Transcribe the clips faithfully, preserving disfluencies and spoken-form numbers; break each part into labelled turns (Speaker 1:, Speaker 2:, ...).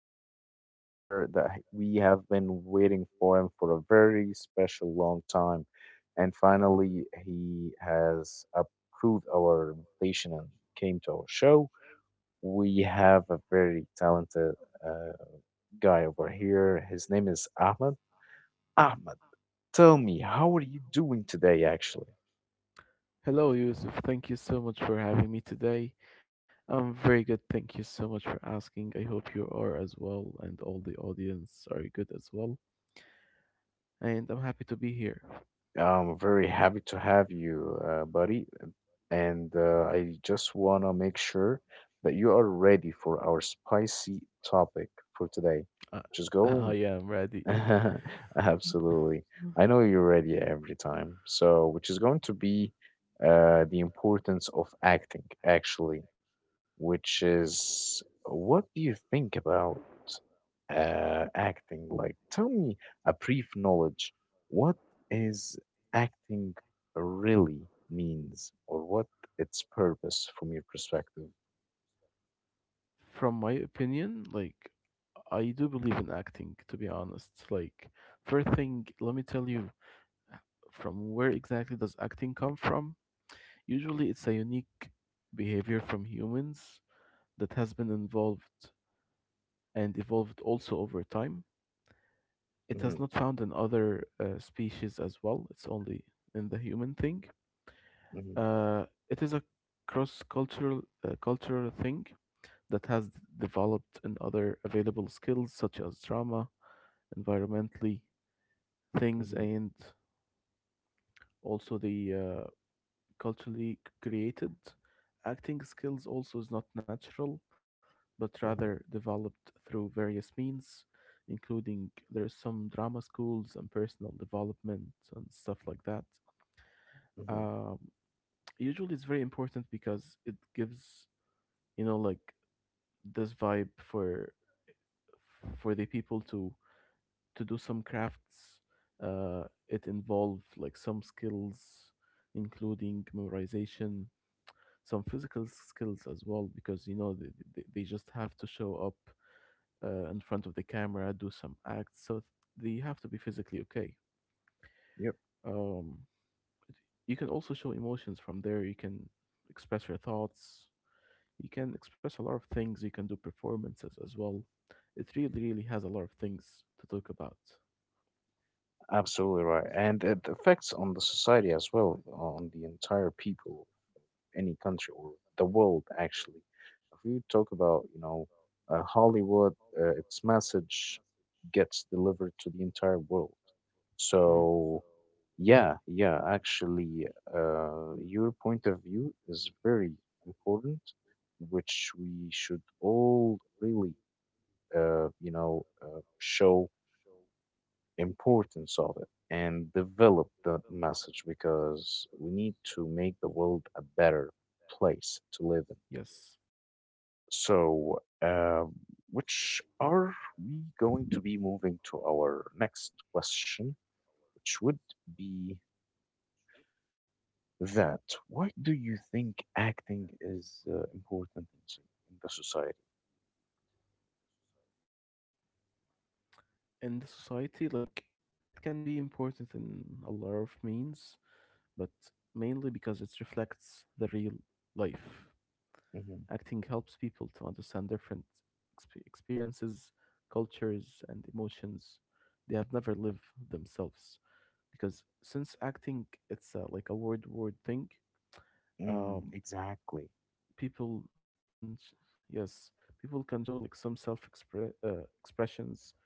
Speaker 1: guest right here that h- we have been waiting for him for a very special long time. And finally, he has approved our invitation and came to our show. We have a very talented uh, guy over here. His name is Ahmed. Ahmed, tell me, how are you doing today, actually?
Speaker 2: Hello, Yusuf. Thank you so much for having me today. I'm very good. Thank you so much for asking. I hope you are as well, and all the audience are good as well. And I'm happy to be here.
Speaker 1: I'm very happy to have you, uh, buddy. And uh, I just want to make sure that you are ready for our spicy topic for today,
Speaker 2: Uh,
Speaker 1: which is going.
Speaker 2: I am ready.
Speaker 1: Absolutely. I know you're ready every time. So, which is going to be uh, the importance of acting, actually, which is what do you think about uh, acting, like tell me a brief knowledge, what is acting really means, or what its purpose from your perspective.
Speaker 2: From my opinion, like, I do believe in acting, to be honest. Like, first thing, let me tell you, from where exactly does acting come from? Usually, it's a unique behavior from humans that has been involved and evolved also over time. It
Speaker 1: Hmm.
Speaker 2: has not found in other uh, species as well. It's only in the human thing.
Speaker 1: Hmm.
Speaker 2: Uh, it is a cross cultural uh, cultural thing that has developed in other available skills such as drama, environmentally things,
Speaker 1: Hmm.
Speaker 2: and also the uh, culturally created. Acting skills also is not natural, but
Speaker 1: Hmm.
Speaker 2: rather developed through various means, including there is some drama schools and personal development and stuff like that.
Speaker 1: Hmm.
Speaker 2: Um, Usually, it's very important because it gives, you know like, this vibe for for the people to to do some crafts. Uh, it involve like some skills, including memorization, some physical skills as well, because you know they, they, they just have to show up uh, in front of the camera, do some acts, so they have to be physically okay.
Speaker 1: Yep,
Speaker 2: um, you can also show emotions from there. You can express your thoughts. You can express a lot of things. You can do performances as well. It really really has a lot of things to talk about.
Speaker 1: absolutely right, and it affects on the society as well, on the entire people of any country or the world actually. If we talk about, you know uh, Hollywood, uh, its message gets delivered to the entire world. So
Speaker 2: Mm.
Speaker 1: yeah, yeah, actually, uh, your point of view is very important, which we should all really, uh, you know, uh, show importance of it and develop the message, because we need to make the world a better place to live in.
Speaker 2: Yes,
Speaker 1: So, uh, which are we going to be moving to our next question, which would be that, why do you think acting is uh, important in, so- in the society?
Speaker 2: in the society, like, it can be important in a lot of means, but mainly because it reflects the real life.
Speaker 1: Hmm.
Speaker 2: Acting helps people to understand different exp- experiences, cultures, and emotions they have never lived themselves. Because since acting, it's a, like a word-word thing.
Speaker 1: Mm,
Speaker 2: Um,
Speaker 1: exactly.
Speaker 2: people can, sh- yes, people can show like some self-expressions.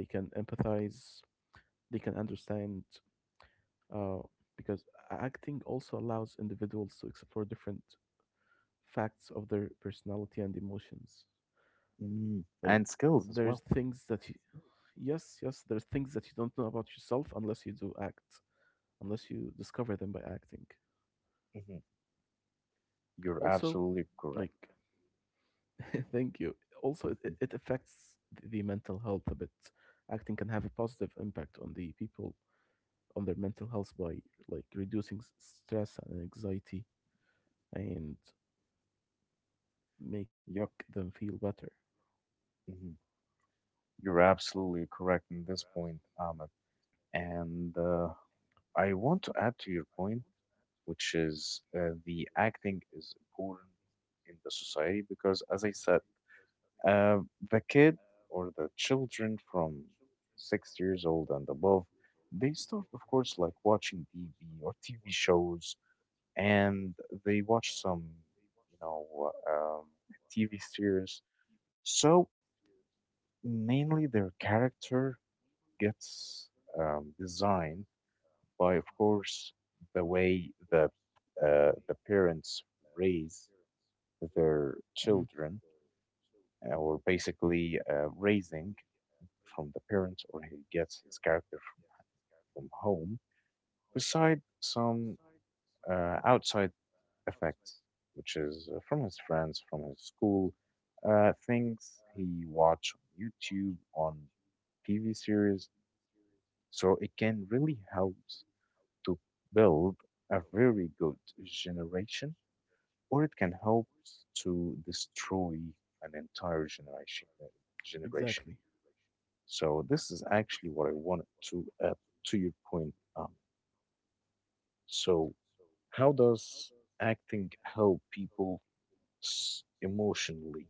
Speaker 2: They can empathize. They can understand, uh, because acting also allows individuals to explore different facts of their personality and emotions.
Speaker 1: Mm. And
Speaker 2: Like,
Speaker 1: skills as well.
Speaker 2: there's things that you, yes, yes, there's things that you don't know about yourself unless you do act, unless you discover them by acting.
Speaker 1: Hmm. You're
Speaker 2: Also,
Speaker 1: absolutely correct.
Speaker 2: like, thank you. Also, it,
Speaker 1: Hmm.
Speaker 2: it affects the the mental health a bit. Acting can have a positive impact on the people on their mental health by, like, reducing s- stress and anxiety, and make
Speaker 1: Yep,
Speaker 2: them feel better.
Speaker 1: hmm, you're absolutely correct in this point, Ahmed. And uh, I want to add to your point, which is uh, the acting is important in the society because, as I said, Uh, the kid or the children from six years old and above, they start, of course, like watching T V or T V shows, and they watch some, you know, um, T V series. So mainly their character gets um, designed by, of course, the way that uh, the parents raise their
Speaker 2: Mhm.
Speaker 1: children, uh, or basically uh, raising from the parents, or he gets his character from, from home, beside some uh, outside effects, which is uh, from his friends, from his school, uh, things he watch on YouTube, on T V series. So it can really help to build a very good generation, or it can help to destroy an entire generation. uh, generation.
Speaker 2: Exactly.
Speaker 1: So this is actually what I wanted to add to your point. Um, so how does acting help people s- emotionally?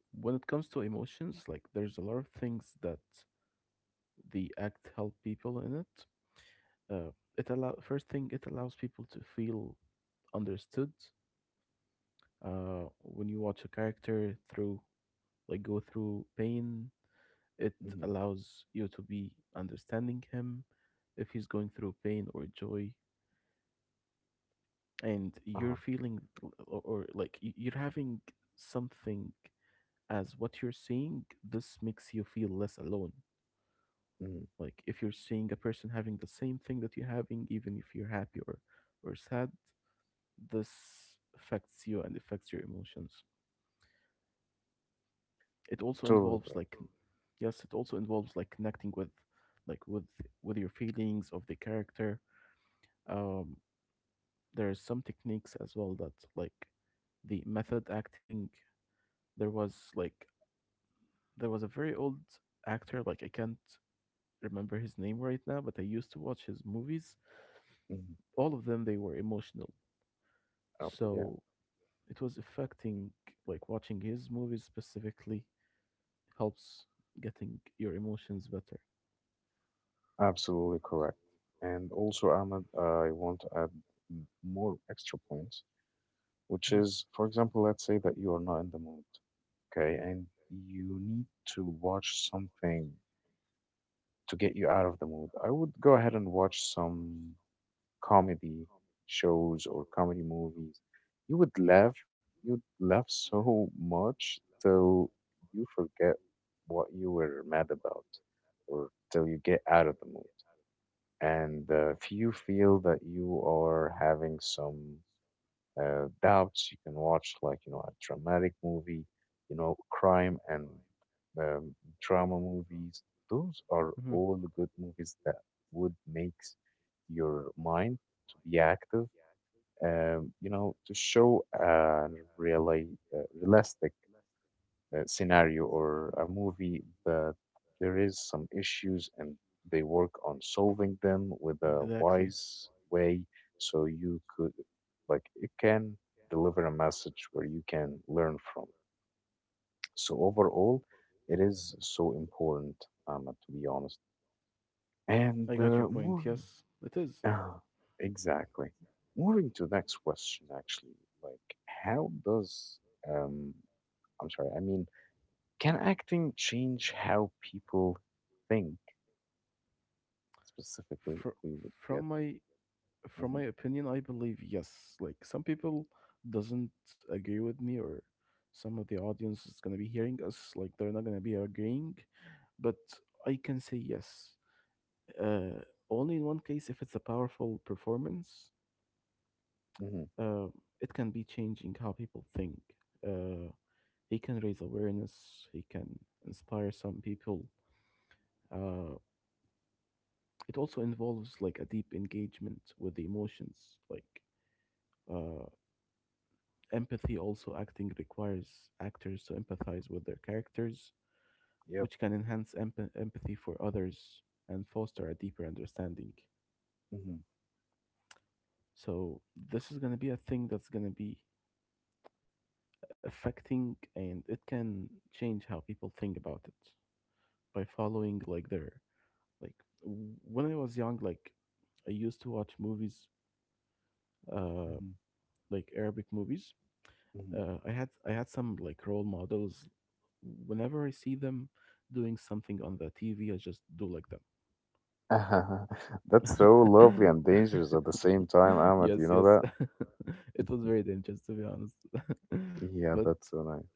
Speaker 2: When it comes to emotions, like, there's a lot of things that the act help people in it. Uh, it allow First thing, it allows people to feel understood. Uh, when you watch a character through, like, go through pain, it
Speaker 1: Hmm.
Speaker 2: allows you to be understanding him if he's going through pain or joy, and you're
Speaker 1: Uh-huh.
Speaker 2: feeling, or, or like, y- you're having something, as what you're seeing, this makes you feel less alone.
Speaker 1: Mm,
Speaker 2: Like, if you're seeing a person having the same thing that you're having, even if you're happy, or, or sad, this affects you and affects your emotions. It also
Speaker 1: totally
Speaker 2: involves
Speaker 1: right.
Speaker 2: like, Yes, it also involves, like, connecting with, like, with with your feelings of the character. Um, there are some techniques as well, that like the method acting. There was like there was a very old actor, like, I can't remember his name right now, but I used to watch his movies.
Speaker 1: Hmm.
Speaker 2: All of them, they were emotional.
Speaker 1: Oh, yeah,
Speaker 2: So it was affecting, like watching his movies specifically helps getting your emotions better.
Speaker 1: absolutely correct. And also, Ahmed, I want to add m- more extra points, which
Speaker 2: Mhm,
Speaker 1: is, for example, let's say that you are not in the mood, okay, and you need to watch something to get you out of the mood. I would go ahead and watch some comedy shows or comedy movies. You would laugh, you'd laugh so much till you forget what you were mad about, or till you get out of the mood. And uh, if you feel that you are having some uh, doubts, you can watch like, you know, a dramatic movie, you know, crime and um, drama movies. Those are
Speaker 2: mhm.
Speaker 1: all good movies that would makes your mind to be active. Um, you know, to show a really uh, realistic uh, scenario or a movie that there is some issues, and they work on solving them with a
Speaker 2: Exactly.
Speaker 1: wise way. So you could, like it can deliver a message where you can learn from. So overall, it is so important, um, to be honest. And
Speaker 2: I got your
Speaker 1: uh,
Speaker 2: point.
Speaker 1: moving
Speaker 2: Yes, it is.
Speaker 1: uh, exactly, moving to next question actually, like how does um I'm sorry I mean can acting change how people think, specifically if
Speaker 2: Fr-
Speaker 1: we would
Speaker 2: from
Speaker 1: get.
Speaker 2: my from
Speaker 1: Mhm,
Speaker 2: my opinion, I believe yes, like, some people doesn't agree with me, or some of the audience is going to be hearing us, like they're not going to be agreeing, but I can say yes, uh, only in one case, if it's a powerful performance.
Speaker 1: mhm,
Speaker 2: uh, it can be changing how people think. uh, he can raise awareness, he can inspire some people. uh, it also involves, like, a deep engagement with the emotions, like, uh, empathy. Also, acting requires actors to empathize with their characters,
Speaker 1: yep.
Speaker 2: which can enhance emp- empathy for others, and foster a deeper understanding.
Speaker 1: Mhm,
Speaker 2: So this is going to be a thing that's going to be affecting, and it can change how people think about it by following, like their like w- when I was young, like, I used to watch movies, uh
Speaker 1: mhm,
Speaker 2: like Arabic movies. Uh, I had I had some, like, role models. Whenever I see them doing something on the T V, I just do like
Speaker 1: mhm. That's so lovely
Speaker 2: them.
Speaker 1: and dangerous at the same time, Ahmed. You
Speaker 2: Yes,
Speaker 1: know
Speaker 2: yes.
Speaker 1: that?
Speaker 2: It was very dangerous, to be honest,
Speaker 1: Yeah,
Speaker 2: but
Speaker 1: that's so nice.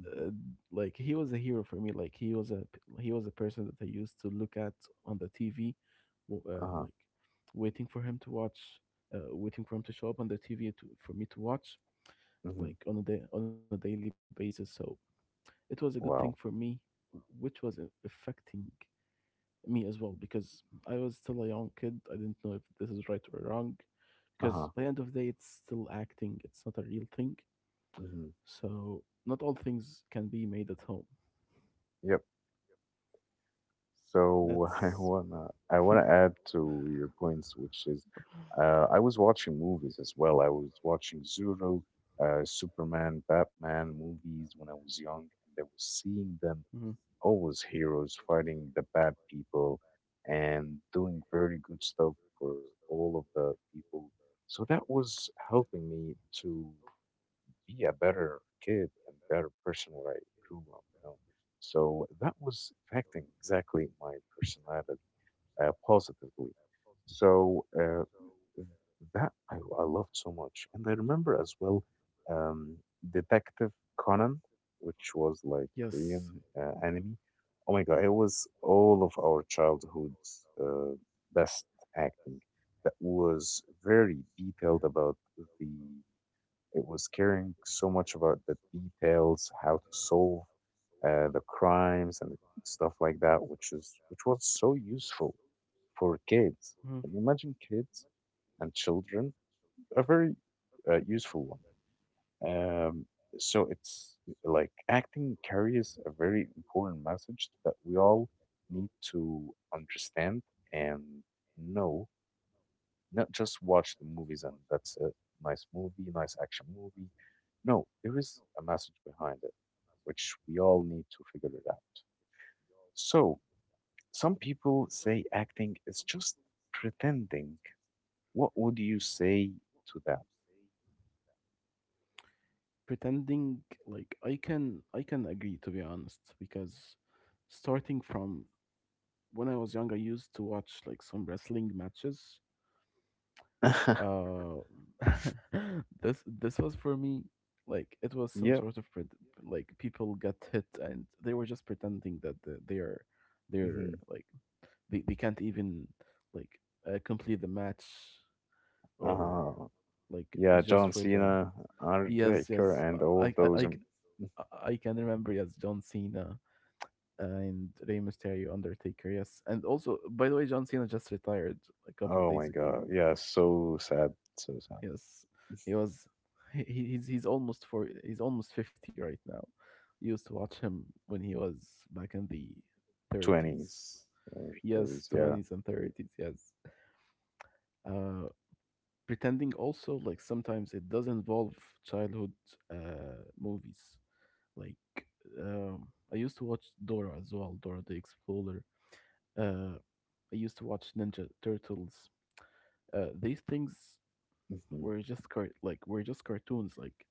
Speaker 1: Mhm.
Speaker 2: uh, like, he was a hero for me. Like, he was a p- he was a person that I used to look at on the T V, uh,
Speaker 1: Uh-huh.
Speaker 2: like, waiting for him to watch, uh, waiting for him to show up on the T V, to, for me to watch,
Speaker 1: Mhm.
Speaker 2: like, on a day on a daily basis. So it was a good thing
Speaker 1: Wow.
Speaker 2: for me, which was a- affecting me as well, because I was still a young kid. I didn't know if this is right or wrong, because
Speaker 1: Uh-huh.
Speaker 2: by the end of the day, it's still acting. It's not a real thing.
Speaker 1: Mhm.
Speaker 2: So not all things can be made at home.
Speaker 1: Yep. So I
Speaker 2: That's
Speaker 1: wanna I wanna add to your points, which is, uh, I was watching movies as well. I was watching Zulu, uh, Superman, Batman movies when I was young, and I was seeing
Speaker 2: Mhm.
Speaker 1: them always heroes fighting the bad people and doing very good stuff for all of the people. So that was helping me to be a better kid and better person when I grew up, you know. So that was affecting exactly my personality uh, positively. So uh, that I, I loved so much. And I remember as well, um, Detective Conan, which was like Korean
Speaker 2: Yes.
Speaker 1: uh, anime. Oh my God, it was all of our childhood's uh, best acting that was very detailed about the it was caring so much about the details, how to solve uh, the crimes and stuff like that, which is which was so useful for kids. And
Speaker 2: Mhm.
Speaker 1: imagine kids and children, a very uh, useful one. Um, so it's like acting carries a very important message that we all need to understand and know, not just watch the movies and that's a nice movie, nice action movie. No, there is a message behind it, which we all need to figure it out. So, some people say acting is just pretending. What would you say to
Speaker 2: Pretending, like, I can I can agree, to be honest, because, starting from when I was young, I used to watch, like, some wrestling matches.
Speaker 1: that?
Speaker 2: Uh, this this was for me, like, it was some
Speaker 1: Yep.
Speaker 2: sort of pret like, people got hit and they were just pretending that, the- they are they're
Speaker 1: Hmm.
Speaker 2: like, they, they can't even, like, uh, complete the match, or
Speaker 1: Uh,
Speaker 2: like
Speaker 1: yeah,
Speaker 2: just
Speaker 1: John
Speaker 2: for the.
Speaker 1: Cena,
Speaker 2: Yes,
Speaker 1: Undertaker,
Speaker 2: yes,
Speaker 1: and all
Speaker 2: I
Speaker 1: of
Speaker 2: I
Speaker 1: those.
Speaker 2: I,
Speaker 1: um,
Speaker 2: I can remember, yes, John Cena and Rey Mysterio, Undertaker. Yes, and also, by the way, John Cena just retired a couple of
Speaker 1: Oh
Speaker 2: days
Speaker 1: my
Speaker 2: ago.
Speaker 1: God. Yeah, so sad. So sad.
Speaker 2: Yes, he was. He, he's he's almost for he's almost fifty right now. Used to watch him when he was back in the thirties.
Speaker 1: twenties or
Speaker 2: Yes,
Speaker 1: thirties. Yeah.
Speaker 2: twenties and thirties. Yes. Uh, Pretending also, like, sometimes it does involve childhood uh movies, like, um I used to watch Dora as well, Dora the Explorer. Uh, I used to watch Ninja Turtles. Uh, these things
Speaker 1: Hmm.
Speaker 2: were just car- like, were just cartoons. Like,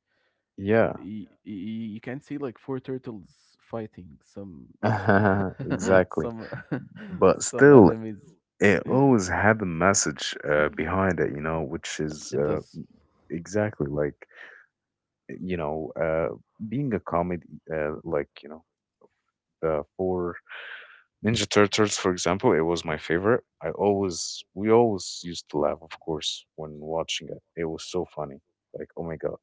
Speaker 1: Yeah.
Speaker 2: y- yeah. Y- you can see, like, four turtles fighting some,
Speaker 1: Exactly.
Speaker 2: some,
Speaker 1: But
Speaker 2: some, but
Speaker 1: still,
Speaker 2: enemies.
Speaker 1: it always had a message uh, behind it, you know, which
Speaker 2: it
Speaker 1: is
Speaker 2: always had It
Speaker 1: uh,
Speaker 2: does.
Speaker 1: exactly like, you know, uh, being a comedy, uh, like, you know, the four Ninja Turtles, for example, it was my favorite. I always, we always used to laugh, of course, when watching it. It was so funny. Like, oh my God.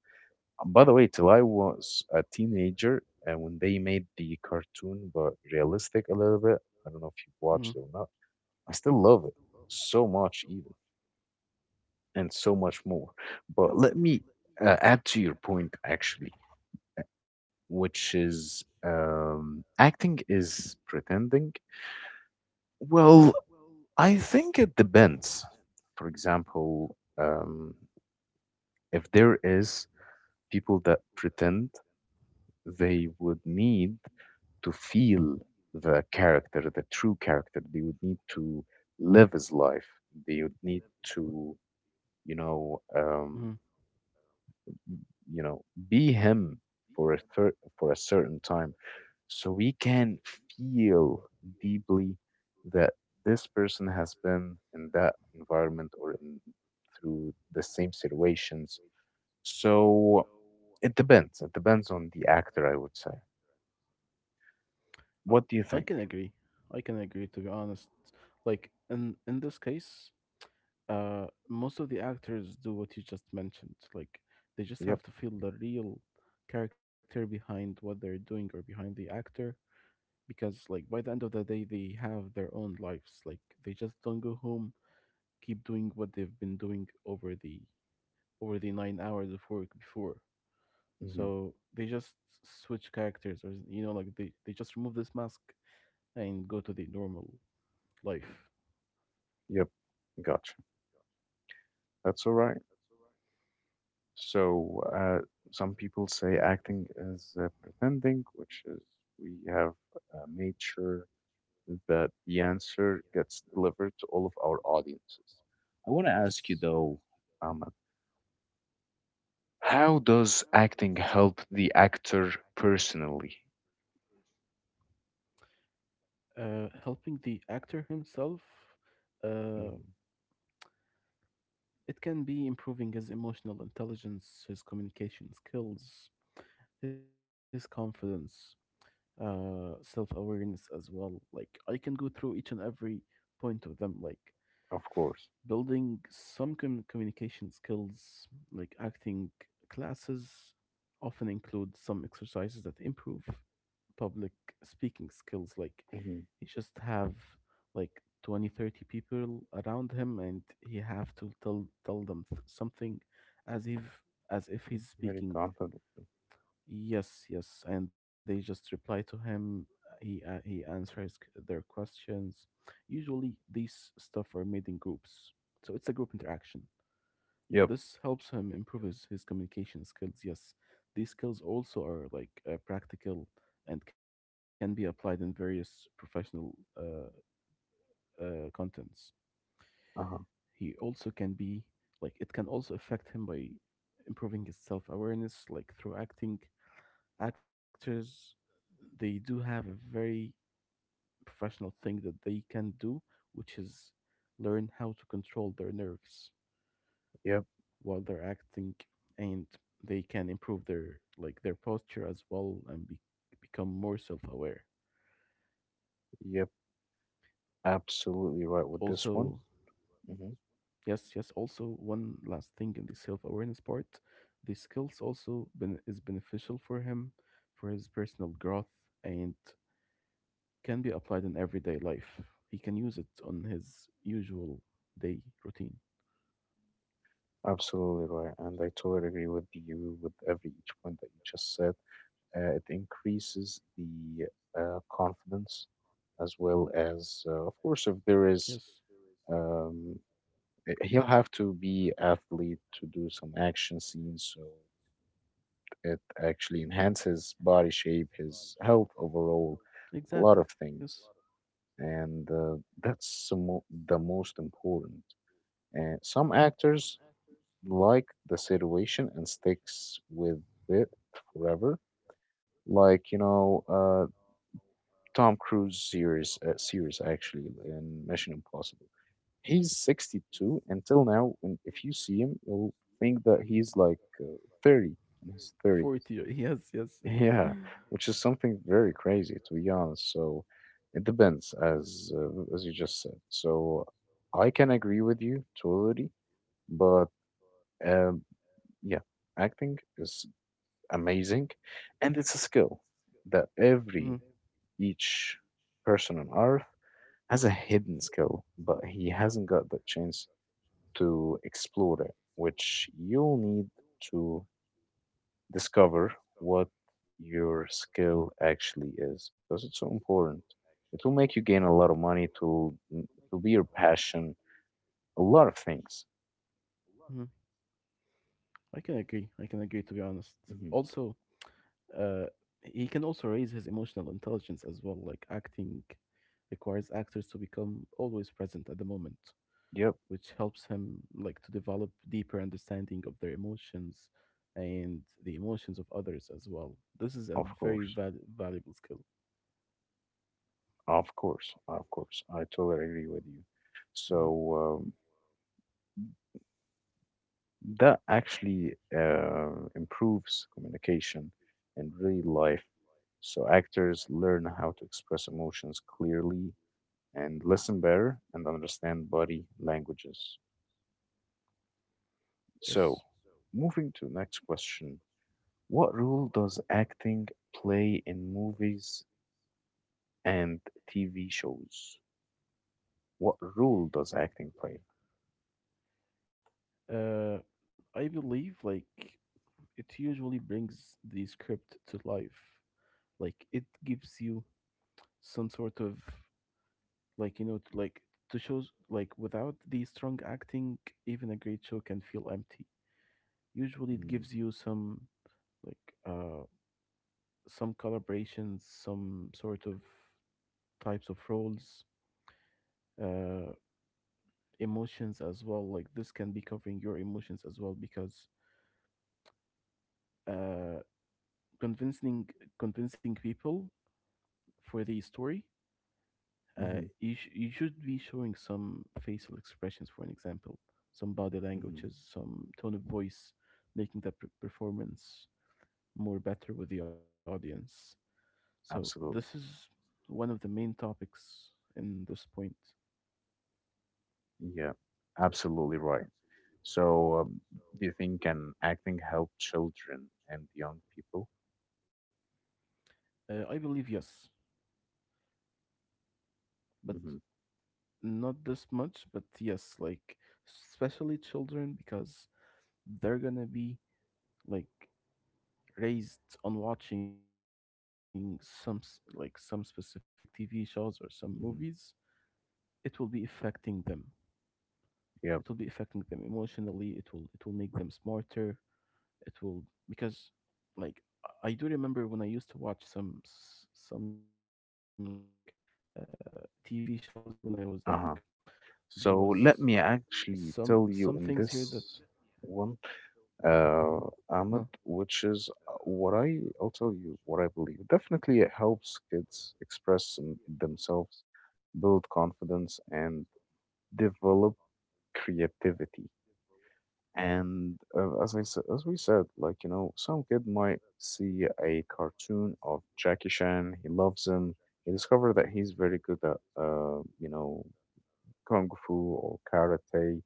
Speaker 1: And by the way, till I was a teenager, and when they made the cartoon, but realistic a little bit, I don't know if you watched
Speaker 2: Mm-hmm.
Speaker 1: it
Speaker 2: when
Speaker 1: or not, I still love it so much, even, and so much more. But let me uh, add to your point, actually, which is, um, acting is pretending. Well, I think it depends. For example, um, if there is people that pretend, they would need to feel the character, the true character. They would need to live his life. They would need to, you know,
Speaker 2: it, hmm
Speaker 1: um, you know, be him for a thir- for a certain time, so we can feel deeply that this person has been in that environment, or in through the same situations. So it depends it depends on the actor, I would say.
Speaker 2: I
Speaker 1: What do you
Speaker 2: I
Speaker 1: think?
Speaker 2: can agree. I can agree, to be honest. Like, in in this case, uh, most of the actors do what you just mentioned. Like, they just
Speaker 1: Yep.
Speaker 2: have to feel the real character behind what they're doing, or behind the actor, because, like, by the end of the day, they have their own lives. Like, they just don't go home, keep doing what they've been doing over the over the nine hours of work before.
Speaker 1: Hmm.
Speaker 2: So they just switch characters, or you know like, they, they just remove this mask and go to the normal life.
Speaker 1: Yep. Gotcha. That's all right. So uh, some people say acting is uh, pretending, which is, we have uh, made sure that the answer gets delivered to all of our audiences. I want to ask you
Speaker 2: Yes.
Speaker 1: though, Ahmed, how does acting help the actor personally?
Speaker 2: Uh, helping the actor himself. Uh,
Speaker 1: Hmm.
Speaker 2: it can be improving his emotional intelligence, his communication skills, his confidence, uh, self awareness as well. Like, I can go through each and every point of them. Like,
Speaker 1: Of course.
Speaker 2: building some com- communication skills, like acting classes often include some exercises that improve public speaking skills, like
Speaker 1: Hmm.
Speaker 2: he just have, like, twenty, thirty people around him, and he have to tell tell them th- something, as if as if he's
Speaker 1: Very
Speaker 2: speaking.
Speaker 1: confidently.
Speaker 2: Yes, yes, and they just reply to him. uh, He uh, he answers c- their questions. Usually, these stuff are made in groups, so it's a group interaction.
Speaker 1: Yep.
Speaker 2: This helps him improve his, his communication skills. Yes, these skills also are, like, uh, practical, and can be applied in various professional uh, uh, contents.
Speaker 1: Uh-huh.
Speaker 2: He also can be like It can also affect him by improving his self awareness, like, through acting. Actors, they do have a very professional thing that they can do, which is learn how to control their nerves
Speaker 1: Yep.
Speaker 2: while they're acting, and they can improve their like their posture as well, and be, become more self-aware.
Speaker 1: Yep. Absolutely right with this one.
Speaker 2: Also,
Speaker 1: Mhm.
Speaker 2: yes, yes. Also, one last thing in the self-awareness part, the skills also ben- is beneficial for him, for his personal growth, and can be applied in everyday life. He can use it on his usual day routine.
Speaker 1: Absolutely right, and I totally agree with you with every each point that you just said. Uh, it increases the uh, confidence, as well as, uh, of course, if there is,
Speaker 2: Yes.
Speaker 1: um, eh, he'll have to be athlete to do some action scenes, so it actually enhances body shape, his health overall, a lot of
Speaker 2: Exactly.
Speaker 1: things,
Speaker 2: Yes.
Speaker 1: and uh, that's the mo- the most important. And some actors like the situation and sticks with it forever. Like, you know, uh, Tom Cruise series, uh, series actually, in Mission Impossible. He's sixty-two until now. When if you see him, you'll think that he's like uh, thirty, in his thirties.
Speaker 2: forty. uh, Yes,
Speaker 1: Yeah,
Speaker 2: yes.
Speaker 1: which is something very crazy to be honest. So it depends, as uh, as you just said. So I can agree with you totally, but um, yeah, acting is amazing and it's a skill that every
Speaker 2: Mhm,
Speaker 1: each person on earth has a hidden skill, but he hasn't got the chance to explore it, which you'll need to discover what your skill actually is, because it's so important. It will make you gain a lot of money, to mm, to be your passion, a lot of things.
Speaker 2: mhm. I can agree. I can agree, to be honest.
Speaker 1: Hmm.
Speaker 2: Also, uh he can also raise his emotional intelligence as well, like acting requires actors to become always present at the moment,
Speaker 1: Yep.
Speaker 2: which helps him, like, to develop deeper understanding of their emotions and the emotions of others as well. This is a
Speaker 1: of
Speaker 2: very
Speaker 1: course
Speaker 2: val- valuable skill.
Speaker 1: of course of course I totally agree with you. So
Speaker 2: Mm-hmm.
Speaker 1: um, that actually uh, improves communication in real life. So actors learn how to express emotions clearly and listen better and understand body languages. So,
Speaker 2: Yes.
Speaker 1: moving to next question. What role does acting play in movies and T V shows? What role does acting play?
Speaker 2: Uh, I believe like it usually brings the script to life. Like it gives you some sort of, like, you know t- like to shows, like without the strong acting, even a great show can feel empty. Usually, it
Speaker 1: Mm.
Speaker 2: gives you some like uh some collaborations, some sort of types of roles, uh, emotions as well. Like this can be covering your emotions as well because. Uh, convincing convincing people for the story, uh,
Speaker 1: Mm-hmm.
Speaker 2: you sh- you should be showing some facial expressions, for an example, some body
Speaker 1: Hmm.
Speaker 2: languages, some tone of voice, making the per- performance more better with the audience. So
Speaker 1: Absolutely.
Speaker 2: this is one of the main topics in this point.
Speaker 1: Yeah, absolutely right. So, um, do you think can acting help children and young people?
Speaker 2: Uh, I believe yes, but
Speaker 1: Mm-hmm.
Speaker 2: not this much. But yes, like especially children, because they're gonna be like raised on watching some s- like some specific T V shows or some movies,
Speaker 1: Mm-hmm.
Speaker 2: it will be affecting them. It will be affecting them
Speaker 1: Yep.
Speaker 2: emotionally. It will it will make them smarter. It will, because like I I do remember when I used to watch some s- some like uh, T V shows when I was young. There was
Speaker 1: Uh-huh.
Speaker 2: some
Speaker 1: So
Speaker 2: some things
Speaker 1: let
Speaker 2: here
Speaker 1: me
Speaker 2: that.
Speaker 1: actually tell you in this one,
Speaker 2: uh,
Speaker 1: uh, Ahmed, which is, uh, what I I'll tell you what I believe. Definitely, it helps kids express them- themselves, build confidence, and develop creativity. And uh, as I s- as we said, like you know, some kid might see a cartoon of Jackie Chan. He loves him. He discovered that he's very good at uh, you know kung fu or karate.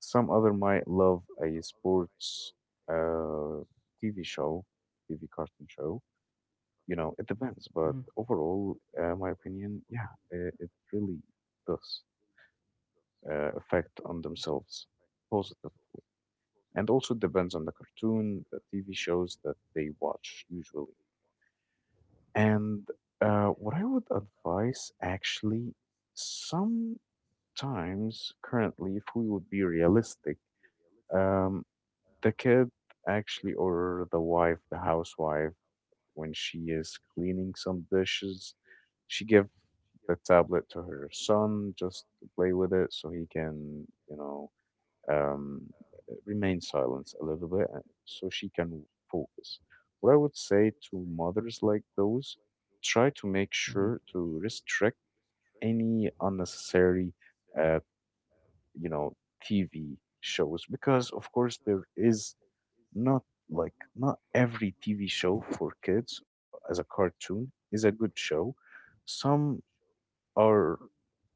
Speaker 1: Some other might love a sports uh, T V show, T V cartoon show. You know,
Speaker 2: mm-hmm,
Speaker 1: it depends. But overall, uh, my opinion, yeah, it, it really does uh, affect on themselves positively. And also it depends on the cartoon, the T V shows that they watch usually. And uh, what I would advise actually, sometimes currently, if we would be realistic, um, the kid actually, or the wife, the housewife, when she is cleaning some dishes, she give the tablet to her son just to play with it so he can, you know, um, remain silent a little bit uh, so she can focus. What I would say to mothers like those, try to make
Speaker 2: mm-hmm.
Speaker 1: sure to restrict any unnecessary, uh, you know, T V shows because, of course, there is not like not every T V show for kids as a cartoon is a good show. Some are,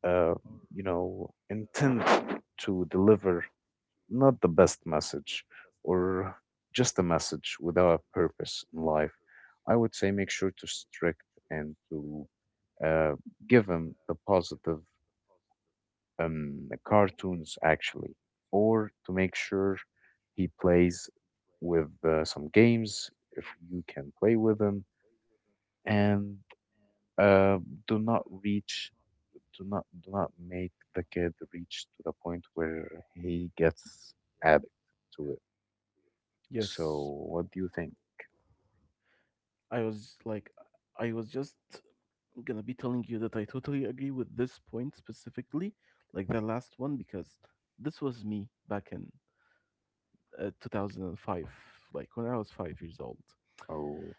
Speaker 1: uh, you know, intent to deliver not the best message, or just a message without a purpose in life. I would say make sure to strict and to uh, give them the positive um, cartoons actually, or to make sure he plays with uh, some games if you can play with him, and uh, do not reach, do not do not make the kid reach to the point where he gets addicted to it. So,
Speaker 2: Yes,
Speaker 1: what do you think?
Speaker 2: I was like, I was just gonna be telling you that I totally agree with this point specifically, like the last one, because this was me back in uh, two thousand five, like when I was five years old.
Speaker 1: Oh.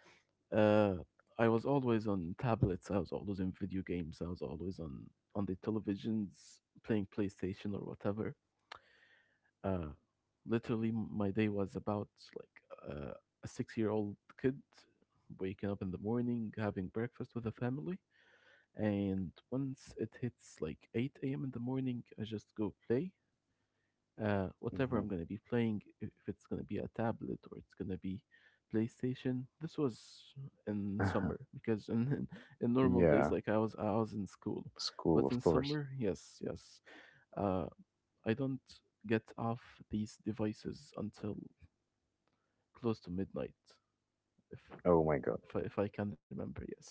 Speaker 2: Uh, I was always on tablets, I was always in video games, I was always on on the televisions playing PlayStation or whatever. uh, Literally my day was about like uh, a six year old kid waking up in the morning having breakfast with the family, and once it hits like eight a m in the morning I just go play uh, whatever
Speaker 1: hmm
Speaker 2: I'm going to be playing, if if it's going to be a tablet or it's going to be PlayStation. This was in summer, because in, in in normal days,
Speaker 1: Yeah,
Speaker 2: like i was i was in school. But
Speaker 1: school, of
Speaker 2: in
Speaker 1: course.
Speaker 2: summer, yes, yes, uh, I don't get off these devices until close to midnight, if
Speaker 1: Oh my God.
Speaker 2: if I, if I can remember, yes.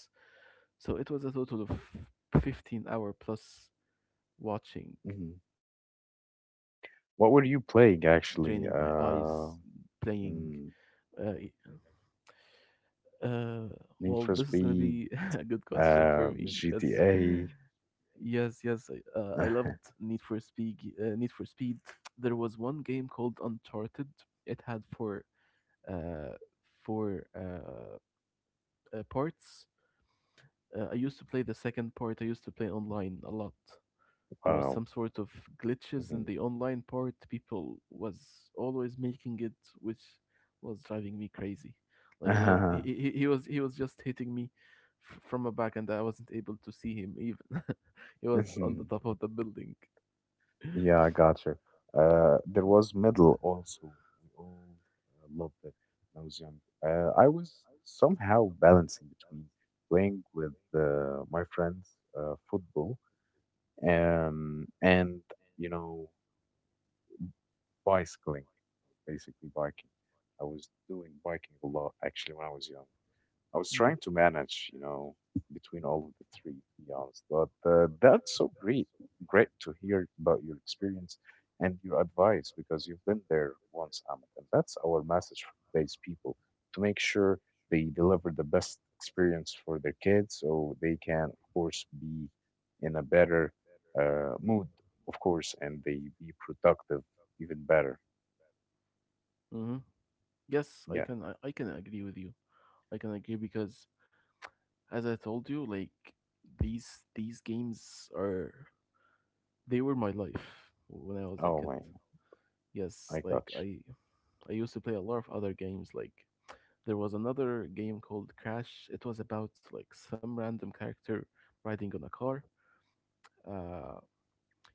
Speaker 2: So it was a total of fifteen hour plus watching,
Speaker 1: Hmm
Speaker 2: uh,
Speaker 1: What
Speaker 2: draining
Speaker 1: were
Speaker 2: my
Speaker 1: you playing
Speaker 2: eyes,
Speaker 1: actually?
Speaker 2: playing.
Speaker 1: Uh,
Speaker 2: Uh,
Speaker 1: mm,
Speaker 2: uh, well, this is gonna
Speaker 1: Need for
Speaker 2: be a
Speaker 1: Speed,
Speaker 2: good question for me.
Speaker 1: uh,
Speaker 2: Yes,
Speaker 1: G T A.
Speaker 2: yes, yes. I, uh, I loved Need for Speed. Uh, Need for Speed. There was one game called Uncharted. It had four uh, four uh, uh, parts. Uh, I used to play the second part. I used to play online a lot. There was
Speaker 1: Wow.
Speaker 2: some sort of glitches in
Speaker 1: hmm
Speaker 2: the online part. People was always making it, which was driving me crazy. Like you know, he, he, he was he was just hitting me f- from a back, and I wasn't able to see him even. He was on the
Speaker 1: Mhm.
Speaker 2: top of the building.
Speaker 1: Yeah, I got you. Uh, there was Middle also. We all uh, loved it when I was young. Uh, I was somehow balancing between playing with uh, my friends uh, football, um, and you know bicycling, basically biking. I was doing biking a lot actually when I was young. I was trying to manage, you know, between all of the three, to be honest. But uh, that's so great. Great to hear about your experience and your advice because you've been there once, Ahmed. And that's our message for today's people to make sure they deliver the best experience for their kids so they can, of course, be in a better uh, mood, of course, and they be productive even better.
Speaker 2: Mm-hmm. Yes, I
Speaker 1: Yeah.
Speaker 2: can I, I can agree with you. I can agree, because as I told you, like these these games are, they were my life when I was a
Speaker 1: Oh,
Speaker 2: kid.
Speaker 1: my.
Speaker 2: Yes,
Speaker 1: I got
Speaker 2: like
Speaker 1: you.
Speaker 2: I I used to play a lot of other games. Like there was another game called Crash. It was about like some random character riding on a car. Uh,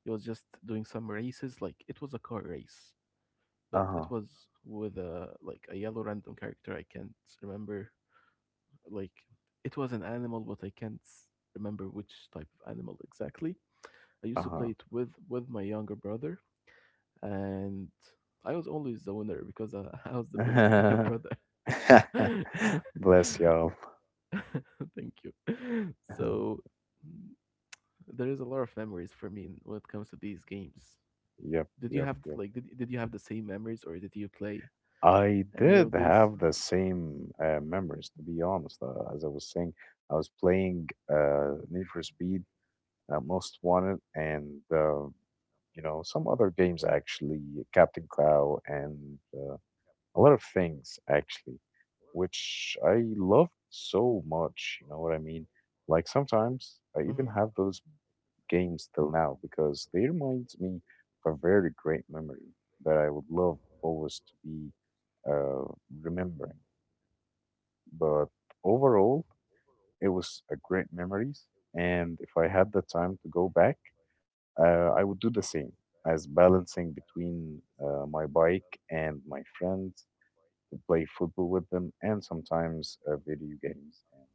Speaker 2: it was just doing some races. Like it was a car race, but it
Speaker 1: Uh
Speaker 2: was with a like a yellow random character. I can't remember. Like it was an animal, but I can't remember which type of animal exactly. I used to
Speaker 1: huh.
Speaker 2: play it with with my younger brother, and I was always the winner because I, I was the big
Speaker 1: Uh
Speaker 2: brother.
Speaker 1: huh.
Speaker 2: Thank
Speaker 1: Bless y'all.
Speaker 2: you. So, mm, there is a lot of memories for me in- when it comes to these games.
Speaker 1: Yep,
Speaker 2: Did you
Speaker 1: yep,
Speaker 2: have
Speaker 1: yep.
Speaker 2: like, did, did you have the same memories, or did you play
Speaker 1: I
Speaker 2: any
Speaker 1: did
Speaker 2: of these?
Speaker 1: have the same uh, memories, to be honest. Uh, as I was saying, I was playing uh, Need for Speed, uh, Most Wanted, and uh, you know some other games actually, Captain Cloud, and uh, a lot of things actually, which I loved so much. You know what I mean? Like
Speaker 2: Hmm.
Speaker 1: sometimes I even have those games till now because they remind me of a very great memory that I would love always to be uh, remembering. But overall, it was a great memories, and if I had the time to go back, uh, I would do the same as balancing between uh, my bike and my friends to play football with them, and sometimes uh, video games and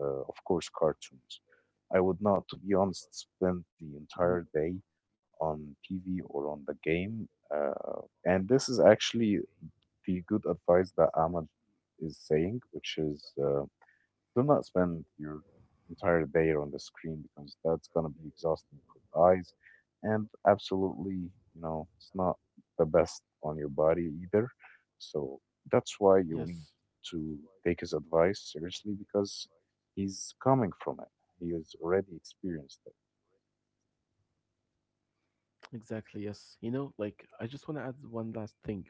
Speaker 1: uh, of course cartoons. I would not, to be
Speaker 2: Hmm.
Speaker 1: honest, spend the entire day on T V or on the game. Uh, and this is actually the good advice that Ahmad is saying, which is uh, do not spend your entire day on the screen because that's going to be exhausting for the eyes. And absolutely, you know, it's not the best on your body either. So that's why you'll
Speaker 2: Yes,
Speaker 1: need to take his advice seriously because he's coming from it. He has already experienced it.
Speaker 2: exactly. Yes. You know, like, I just want to add one last thing.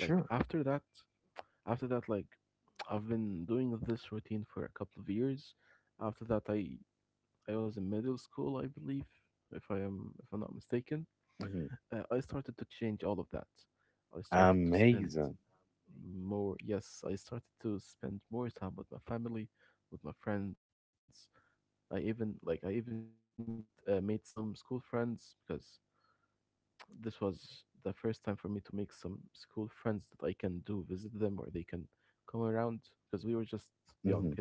Speaker 2: Like after that, After that, like I've been doing this routine for a couple of years. After that, I I was in middle school, I believe, if I am if I'm not mistaken.
Speaker 1: hmm
Speaker 2: Uh, I started to change all of that. I started to spend
Speaker 1: Amazing.
Speaker 2: more. Yes, I started to spend more time with my family, with my friends. I even, like, I even meet, uh, made some school friends, because this was the first time for me to make some school friends that I can do visit them, or they can come around, because we were just young kids.
Speaker 1: Mhm.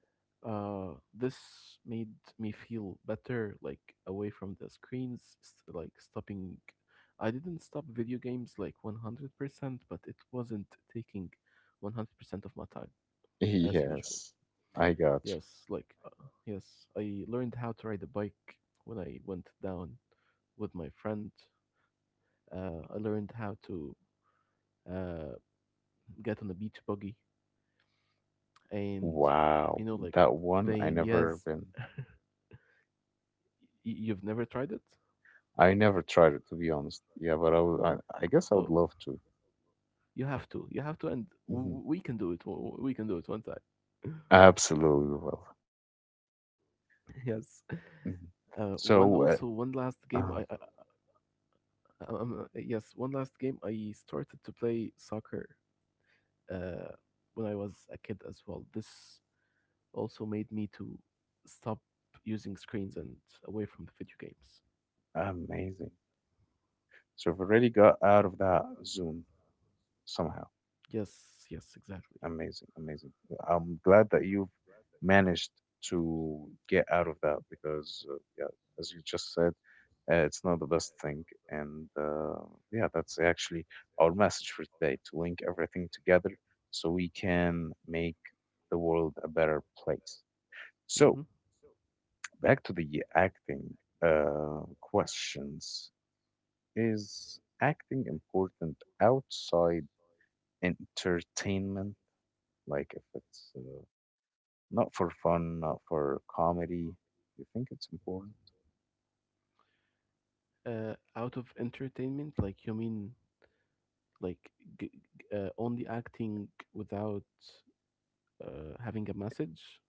Speaker 2: Uh, this made me feel better, like away from the screens, st- like stopping. I didn't stop video games like one hundred percent, but it wasn't taking one hundred percent of my time as usual.
Speaker 1: Yes, I got
Speaker 2: Yes,
Speaker 1: you.
Speaker 2: like, uh, yes, I learned how to ride a bike when I went down with my friend. Uh, I learned how to uh, get on a beach buggy, and you
Speaker 1: Wow,
Speaker 2: know, like,
Speaker 1: that one I
Speaker 2: playing,
Speaker 1: never
Speaker 2: yes,
Speaker 1: been.
Speaker 2: you've never tried it.
Speaker 1: I never tried it to be honest. Yeah, but I would, I, I guess I would
Speaker 2: Oh,
Speaker 1: love to.
Speaker 2: you have to, you have to and
Speaker 1: Hmm
Speaker 2: w- we can do it w- we can do it one time.
Speaker 1: Absolutely will.
Speaker 2: Yes, uh,
Speaker 1: Mhm.
Speaker 2: one also one
Speaker 1: So
Speaker 2: last
Speaker 1: uh,
Speaker 2: game, I, I I-
Speaker 1: uh,
Speaker 2: um, uh, yes, one last game I started to play soccer uh, when I was a kid as well. This also made me to stop using screens, and away from the video games.
Speaker 1: amazing. So I've already got out of that zone somehow.
Speaker 2: Yes, yes, exactly.
Speaker 1: Amazing, amazing. I'm glad that you've managed to get out of that because, uh, yeah, as you just said, uh, it's not the best thing. And uh, yeah, that's actually our message for today to link everything together so we can make the world a better place. So,
Speaker 2: Hmm.
Speaker 1: back to the acting uh, questions. Is acting important outside entertainment? Like if it's. Uh, Not for fun, not for comedy. You think it's important?
Speaker 2: Uh, out of entertainment, like you mean like g- g- uh, only acting without uh, having a message?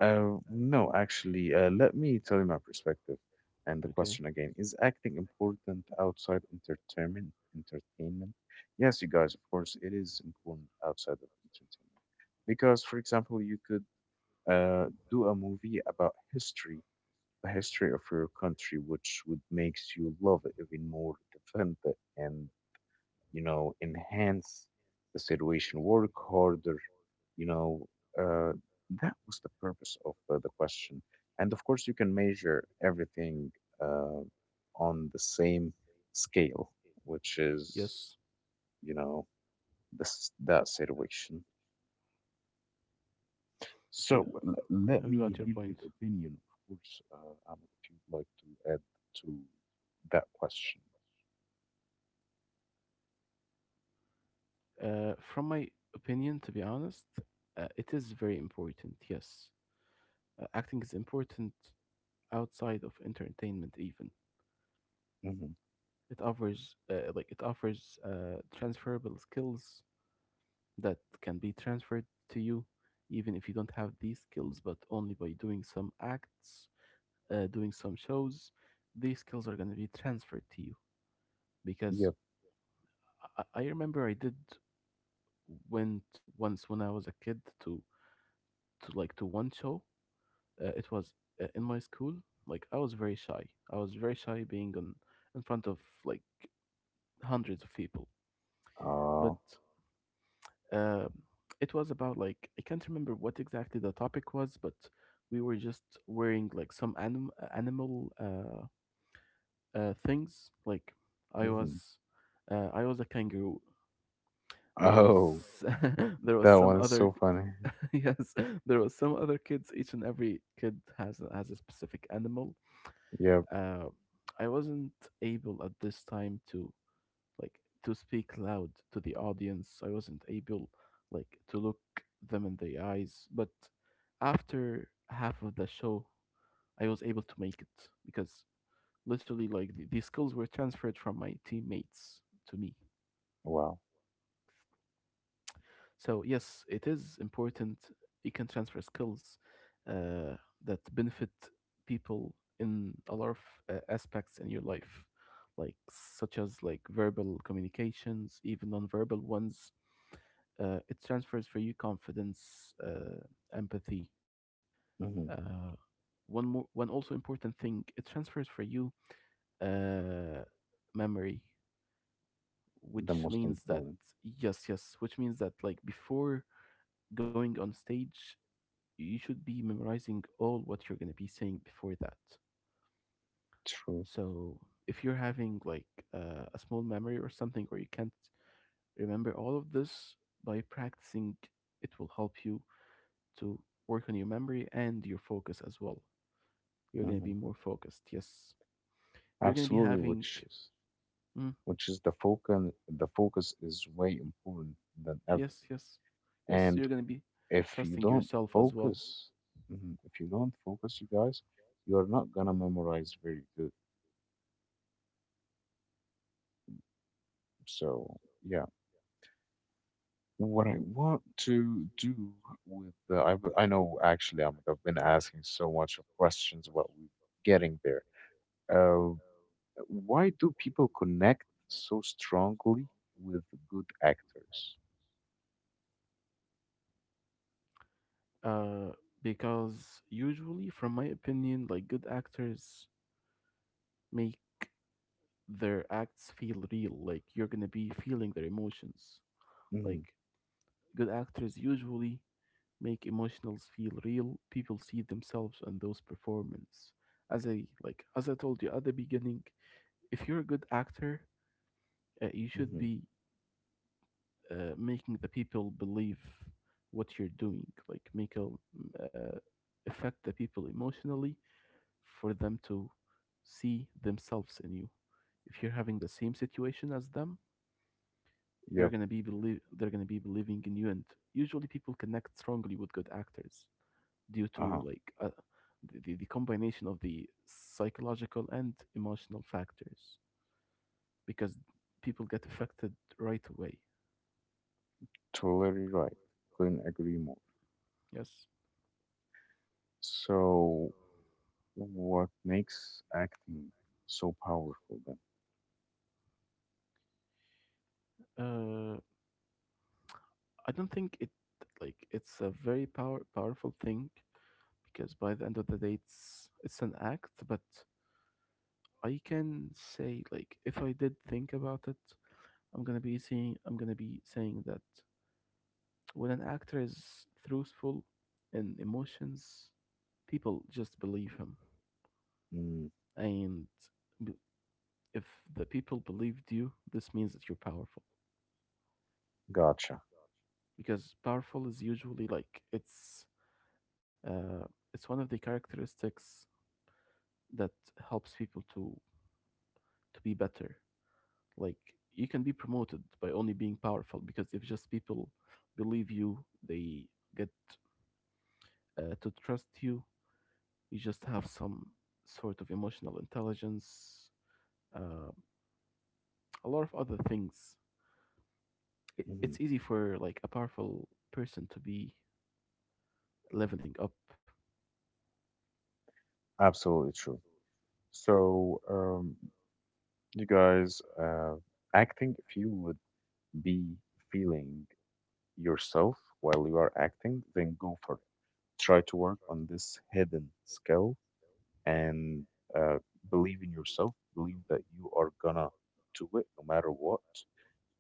Speaker 1: Uh, no, actually, uh, let me tell you my perspective. And the
Speaker 2: Okay.
Speaker 1: question again, is acting important outside entertainment? Entertainment? Yes, you guys, of course, it is important outside of entertainment. Because, for example, you could uh, do a movie about history, the history of your country, which would makes you love it even more, defend it, and, you know, enhance the situation, work harder. You know, uh, that was the purpose of uh, the question. And of course, you can measure everything uh, on the same scale, which is,
Speaker 2: Yes,
Speaker 1: you know, this that situation.
Speaker 2: I, g-
Speaker 1: So l let
Speaker 2: I
Speaker 1: me
Speaker 2: got your
Speaker 1: hear
Speaker 2: point.
Speaker 1: your opinion, of course, uh, Ahmed, if you'd like to add to that question.
Speaker 2: Uh, from my opinion, to be honest, uh, it is very important. Yes, uh, acting is important outside of entertainment. Even
Speaker 1: Hmm
Speaker 2: it offers, uh, like it offers, uh, transferable skills that can be transferred to you, even if you don't have these skills, but only by doing some acts, uh, doing some shows, these skills are going to be transferred to you, because
Speaker 1: Yep.
Speaker 2: I, I remember I did went once when I was a kid to to like to one show. Uh, it was uh, in my school. Like i was very shy i was very shy being on in front of like hundreds of people, but
Speaker 1: Uh,
Speaker 2: uh, it was about like, I can't remember what exactly the topic was, but we were just wearing like some anim- animal uh, uh, things. Like I
Speaker 1: hmm
Speaker 2: was, uh, I was a kangaroo. There was
Speaker 1: oh,
Speaker 2: there was
Speaker 1: that
Speaker 2: some
Speaker 1: one is
Speaker 2: other
Speaker 1: so funny.
Speaker 2: yes, there was some other kids. Each and every kid has a- has a specific animal.
Speaker 1: Yep.
Speaker 2: Uh, I wasn't able at this time to like to speak loud to the audience. I wasn't able like to look them in the eyes, but after half of the show, I was able to make it, because literally, like, the, the skills were transferred from my teammates to me.
Speaker 1: Wow.
Speaker 2: So yes, it is important. You can transfer skills, uh, that benefit people in a lot of uh, aspects in your life, like, such as like verbal communications, even non-verbal ones. Uh, it transfers for you confidence, uh, empathy.
Speaker 1: hmm
Speaker 2: Uh, One more, one also important thing, it transfers for you, uh, memory,
Speaker 1: The
Speaker 2: which
Speaker 1: most
Speaker 2: means that,
Speaker 1: important.
Speaker 2: yes, yes, which means that, like, before going on stage, you should be memorizing all what you're gonna be saying before that.
Speaker 1: True.
Speaker 2: So if you're having like uh, a small memory or something, or you can't remember all of this, by practicing, it will help you to work on your memory and your focus as well. You're going to be more focused. Yes. You're going to be
Speaker 1: Absolutely,
Speaker 2: having.
Speaker 1: which is
Speaker 2: Mm,
Speaker 1: which is the focus the focus is way important than
Speaker 2: yes,
Speaker 1: everything.
Speaker 2: yes. Yes,
Speaker 1: And
Speaker 2: you're going to be
Speaker 1: if you
Speaker 2: trusting
Speaker 1: don't
Speaker 2: yourself as well.
Speaker 1: focus, mhm, if you don't focus, you guys, you're not gonna memorize very good. So yeah, what I want to do with the I, w- I know actually I'm, I've been asking so much of questions about we getting there. Uh, why do people connect so strongly with good actors?
Speaker 2: Uh, because usually, from my opinion, like good actors make their acts feel real. Like you're going to be feeling their emotions.
Speaker 1: Hmm
Speaker 2: Like good actors usually make emotionals feel real. People see themselves in those performance. As I, like, as I told you at the beginning, if you're a good actor, uh, you should
Speaker 1: hmm
Speaker 2: be uh, making the people believe what you're doing. Like, make a, mm, uh, affect the people emotionally for them to see themselves in you. If you're having the same situation as them, they're gonna be believe they're gonna be believing in you, and usually people connect strongly with good actors, due to
Speaker 1: Uh-huh.
Speaker 2: like, uh, the, the the combination of the psychological and emotional factors, because people get affected right away.
Speaker 1: Totally right. Couldn't agree more.
Speaker 2: Yes.
Speaker 1: So, what makes acting so powerful then?
Speaker 2: Uh, I don't think it like it's a very power powerful thing, because by the end of the day it's it's an act. But I can say, like, if I did think about it, i'm gonna be saying i'm gonna be saying that when an actor is truthful in emotions, people just believe him.
Speaker 1: Mm,
Speaker 2: And if the people believed you, this means that you're powerful.
Speaker 1: gotcha.
Speaker 2: Because powerful is usually like it's, uh, it's one of the characteristics that helps people to to be better. Like, you can be promoted by only being powerful. Because if just people believe you, they get, uh, to trust you. You just have some sort of emotional intelligence, uh, a lot of other things. It,
Speaker 1: Hmm
Speaker 2: it's easy for like a powerful person to be leveling up.
Speaker 1: Absolutely true. So, um, you guys, uh, acting, if you would be feeling yourself while you are acting, then go for it. Try to work on this hidden skill and uh, believe in yourself, believe that you are gonna do it no matter what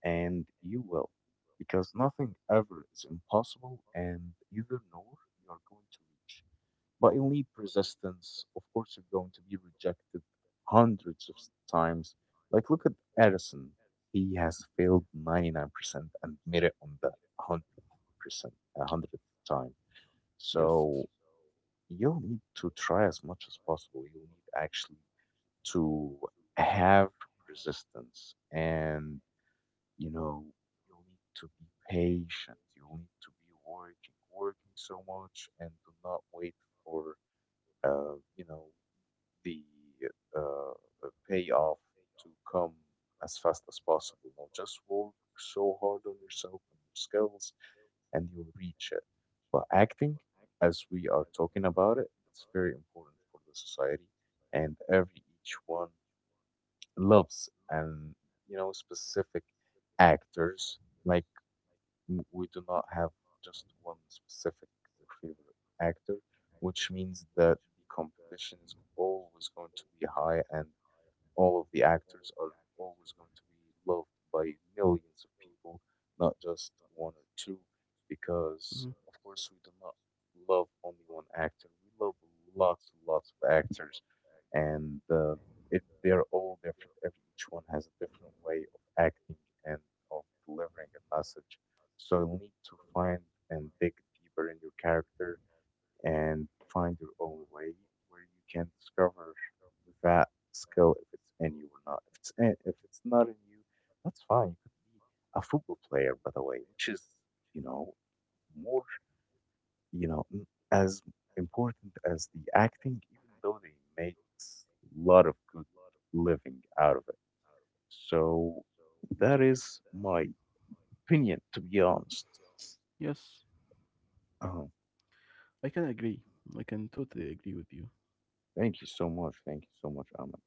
Speaker 1: and you will, because nothing ever is impossible, and either nor you are going to reach. But you'll need persistence. Of course, you're going to be rejected hundreds of s- times. Like, look at Edison. He has failed ninety-nine percent and made it on the one hundred percent, one hundredth time.
Speaker 2: Yes.
Speaker 1: So you'll need to try as much as possible. You'll need actually to have resistance and, you know, you need to be patient. You need to be working, working so much, and do not wait for, uh, you know, the uh, uh, payoff to come as fast as possible. Now, just work so hard on yourself and your skills, and you'll reach it. But acting, as we are talking about it, it's very important for the society, and every each one loves and, you know, specific actors. Like w- we do not have just one specific or favorite actor, which means that the competition is always going to be high and all of the actors are always going to be loved by millions of people, not just one or two, because
Speaker 2: Mhm.
Speaker 1: of course we do not love only one actor. We love lots and lots of actors, and uh, it, they're all different. Every each one has a different way of acting and of delivering a message. So you'll need to find and dig deeper in your character and find your own way where you can discover that skill if it's in you or not. If it's in, if it's not in you, that's fine. You could be a football player, by the way, which is, you know, more, you know n- as important as the acting, even though they make a lot of good living out of it. So that is my opinion, to be honest.
Speaker 2: Yes,
Speaker 1: Uh,
Speaker 2: I can agree. I can totally agree with you.
Speaker 1: Thank you so much. Thank you so much, Ahmed.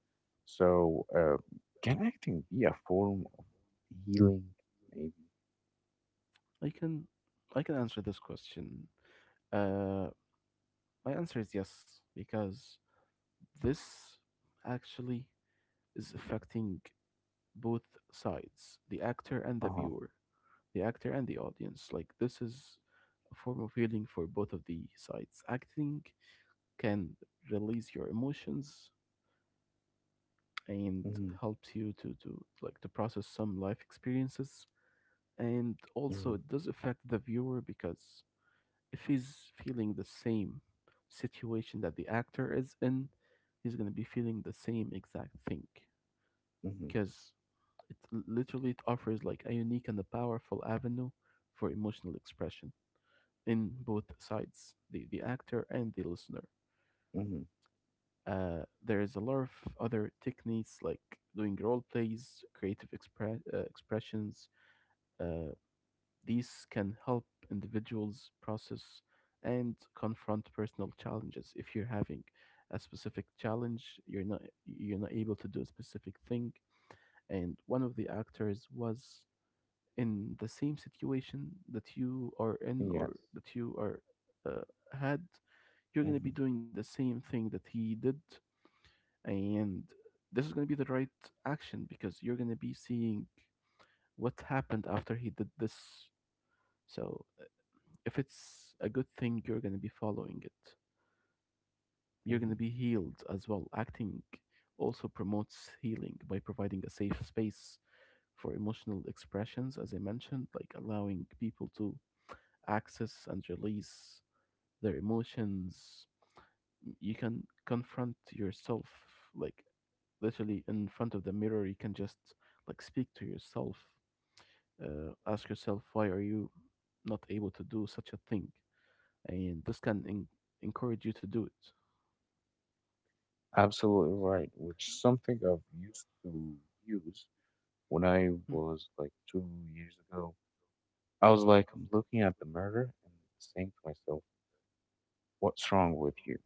Speaker 1: So, uh, can acting be a form of healing? Maybe.
Speaker 2: I can I can answer this question. Uh, my answer is yes because this actually is affecting both sides, the actor and the
Speaker 1: Uh-huh.
Speaker 2: viewer, the actor and the audience. Like this is a form of healing for both of the sides. Acting can release your emotions and
Speaker 1: Mm-hmm.
Speaker 2: helps you to to like to process some life experiences, and also
Speaker 1: Mm-hmm.
Speaker 2: it does affect the viewer because if he's feeling the same situation that the actor is in, he's going to be feeling the same exact thing
Speaker 1: Mm-hmm.
Speaker 2: because it l- literally it offers like a unique and a powerful avenue for emotional expression in both sides, the the actor and the listener.
Speaker 1: Mm-hmm.
Speaker 2: Uh, there is a lot of other techniques like doing role plays, creative expre- uh, expressions. Uh, these can help individuals process and confront personal challenges. If you're having a specific challenge, you're not you're not able to do a specific thing, and one of the actors was in the same situation that you are in,
Speaker 1: Yes.
Speaker 2: or that you are, uh, had, you're gonna
Speaker 1: Mm-hmm.
Speaker 2: be doing the same thing that he did, and this is going to be the right action because you're going to be seeing what happened after he did this. So uh, if it's a good thing, you're going to be following it. You're going
Speaker 1: Mm-hmm.
Speaker 2: to be healed as well. Acting also promotes healing by providing a safe space for emotional expressions, as I mentioned, like allowing people to access and release their emotions. You can confront yourself, like literally in front of the mirror. You can just like speak to yourself. Uh, ask yourself why are you not able to do such a thing, and this can en- encourage you to do it.
Speaker 1: Absolutely right. Which is something I've used to use when I
Speaker 2: Mm,
Speaker 1: was like two years ago. I was like, I'm looking at the mirror and saying to myself, what's wrong with you?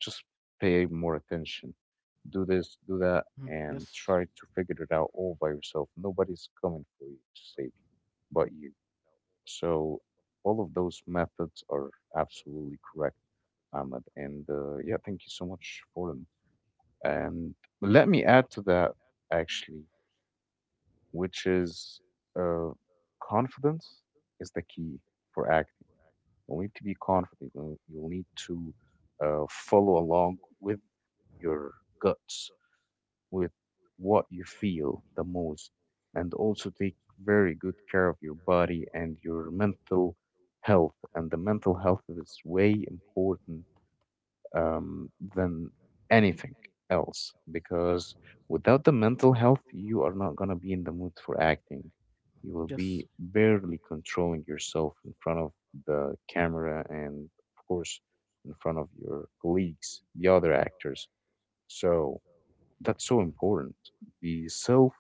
Speaker 1: Just pay more attention.
Speaker 2: mhm.
Speaker 1: Do this,
Speaker 2: Yes.
Speaker 1: do that, and try to figure it out all by yourself. Nobody's coming for you to save you but you. So all of those methods are absolutely correct, Ahmed. And uh, yeah, thank you so much for them. And let me add to that, actually, which is uh, confidence is the key for acting. You'll need to be confident. You'll, you'll need to uh, follow along with your guts, with what you feel the most, and also take very good care of your body and your mental health. And the mental health is way important um, than anything else because without the mental health, you are not going to be in the mood for acting. You will be
Speaker 2: Yes.
Speaker 1: barely controlling yourself in front of the camera and, of course, in front of your colleagues, the other actors. So that's so important. The self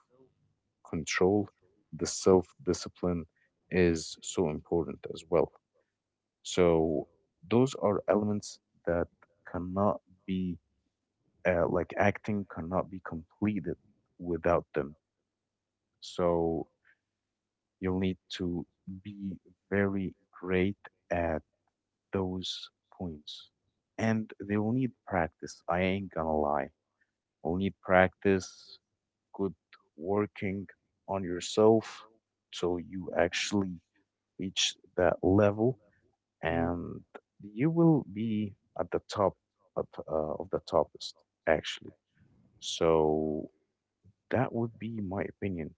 Speaker 1: control, the self discipline is so important as well. So those are elements that cannot be uh, like acting cannot be completed without them. So you'll need to be very great at those points. And they will need practice. I ain't gonna lie. You'll need practice, good working on yourself so you actually reach that level
Speaker 2: Mhm.
Speaker 1: and you will be at the top of, uh, of the toppest actually. So that would be my opinion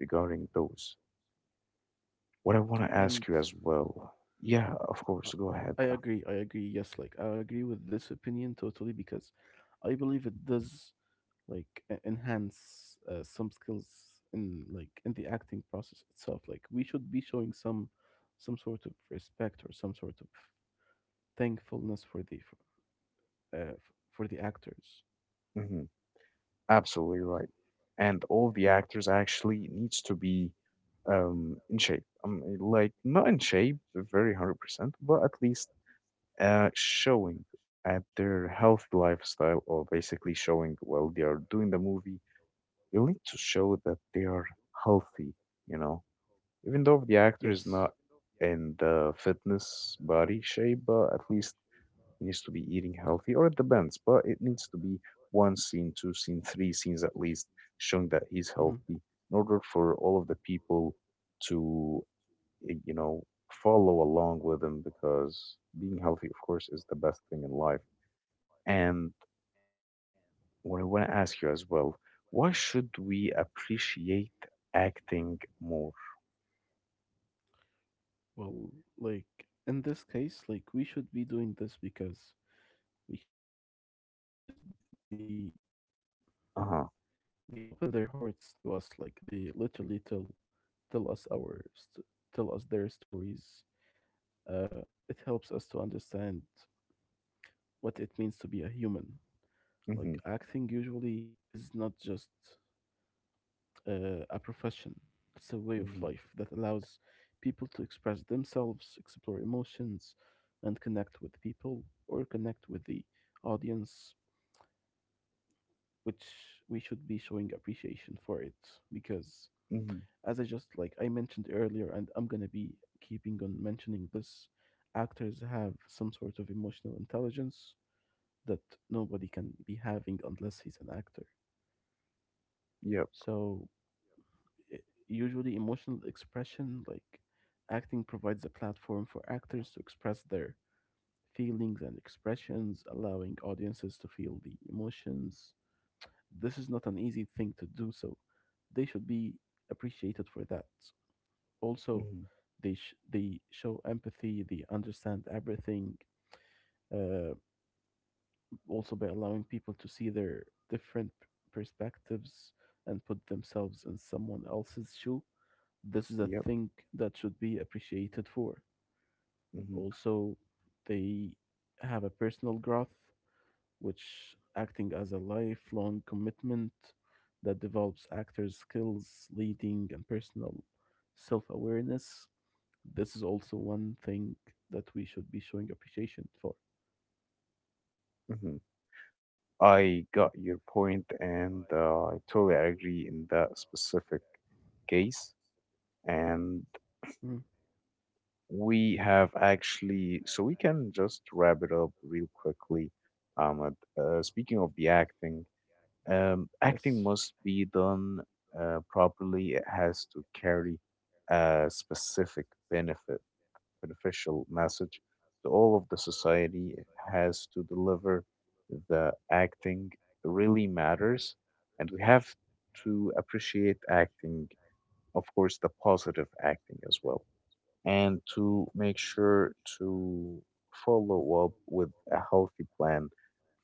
Speaker 1: regarding those. What I want to ask
Speaker 2: and
Speaker 1: you as well. Yeah, of course,
Speaker 2: uh,
Speaker 1: go ahead.
Speaker 2: i
Speaker 1: Uh,
Speaker 2: agree i agree yes, like I agree with this opinion totally because I believe it does like e- enhance uh, some skills in, like in the acting process itself. Like we should be showing some some sort of respect or some sort of thankfulness for the for, uh, f- for the actors.
Speaker 1: mhm. Absolutely right. And all the actors actually needs to be um in shape. Um eh, like not in shape very one hundred percent, but at least uh showing at their healthy lifestyle, or basically showing while they are doing the movie, they need to show that they are healthy, you know. Even though the
Speaker 2: Yes.
Speaker 1: actor is not in the fitness body shape, but at least he needs to be eating healthy, or it depends, but it needs to be one scene, two scene, three scenes at least, showing that he's
Speaker 2: Hmm.
Speaker 1: healthy in order for all of the people to, eh, you know, follow along with him because being healthy, of course, is the best thing in life. And what I want to ask you as well, why should we appreciate acting more?
Speaker 2: Well, like in this case, like we should be doing this because because th- they they
Speaker 1: Uh-huh.
Speaker 2: open their hearts to us. Like they literally tell tell us our st- tell us their stories. uh it helps us to understand what it means to be a human.
Speaker 1: Mm-hmm.
Speaker 2: Like acting usually is not just uh, a profession, it's a way of
Speaker 1: Mm-hmm.
Speaker 2: life that allows people to express themselves, explore emotions, and connect with people, or connect with the audience, which we should be showing appreciation for, it because,
Speaker 1: Mm-hmm.
Speaker 2: as I just like I mentioned earlier, and I'm gonna be keeping on mentioning this, actors have some sort of emotional intelligence that nobody can be having unless he's an actor.
Speaker 1: Yep.
Speaker 2: So, i- usually, emotional expression, like acting, provides a platform for actors to express their feelings and expressions, allowing audiences to feel the emotions. This is not an easy thing to do, so they should be appreciated for that. Also,
Speaker 1: Mm-hmm.
Speaker 2: they sh- they show empathy, they understand everything. Uh, Also by allowing people to see their different perspectives and put themselves in someone else's shoe. This is a
Speaker 1: Yep.
Speaker 2: thing that should be appreciated for.
Speaker 1: Mm-hmm.
Speaker 2: Also, they have a personal growth, which acting as a lifelong commitment that develops actors' skills, leading, and personal self awareness. This is also one thing that we should be showing appreciation for.
Speaker 1: Mm-hmm. I got your point, and uh, I totally agree in that specific case.
Speaker 2: Mhm.
Speaker 1: And we have actually, so we can just wrap it up real quickly. Um, uh, uh, speaking of the acting, um,
Speaker 2: Yes.
Speaker 1: acting must be done uh, properly. It has to carry a specific benefit, beneficial message to all of the society, has to deliver the acting really matters, and we have to appreciate acting, of course, the positive acting as well, and to make sure to follow up with a healthy plan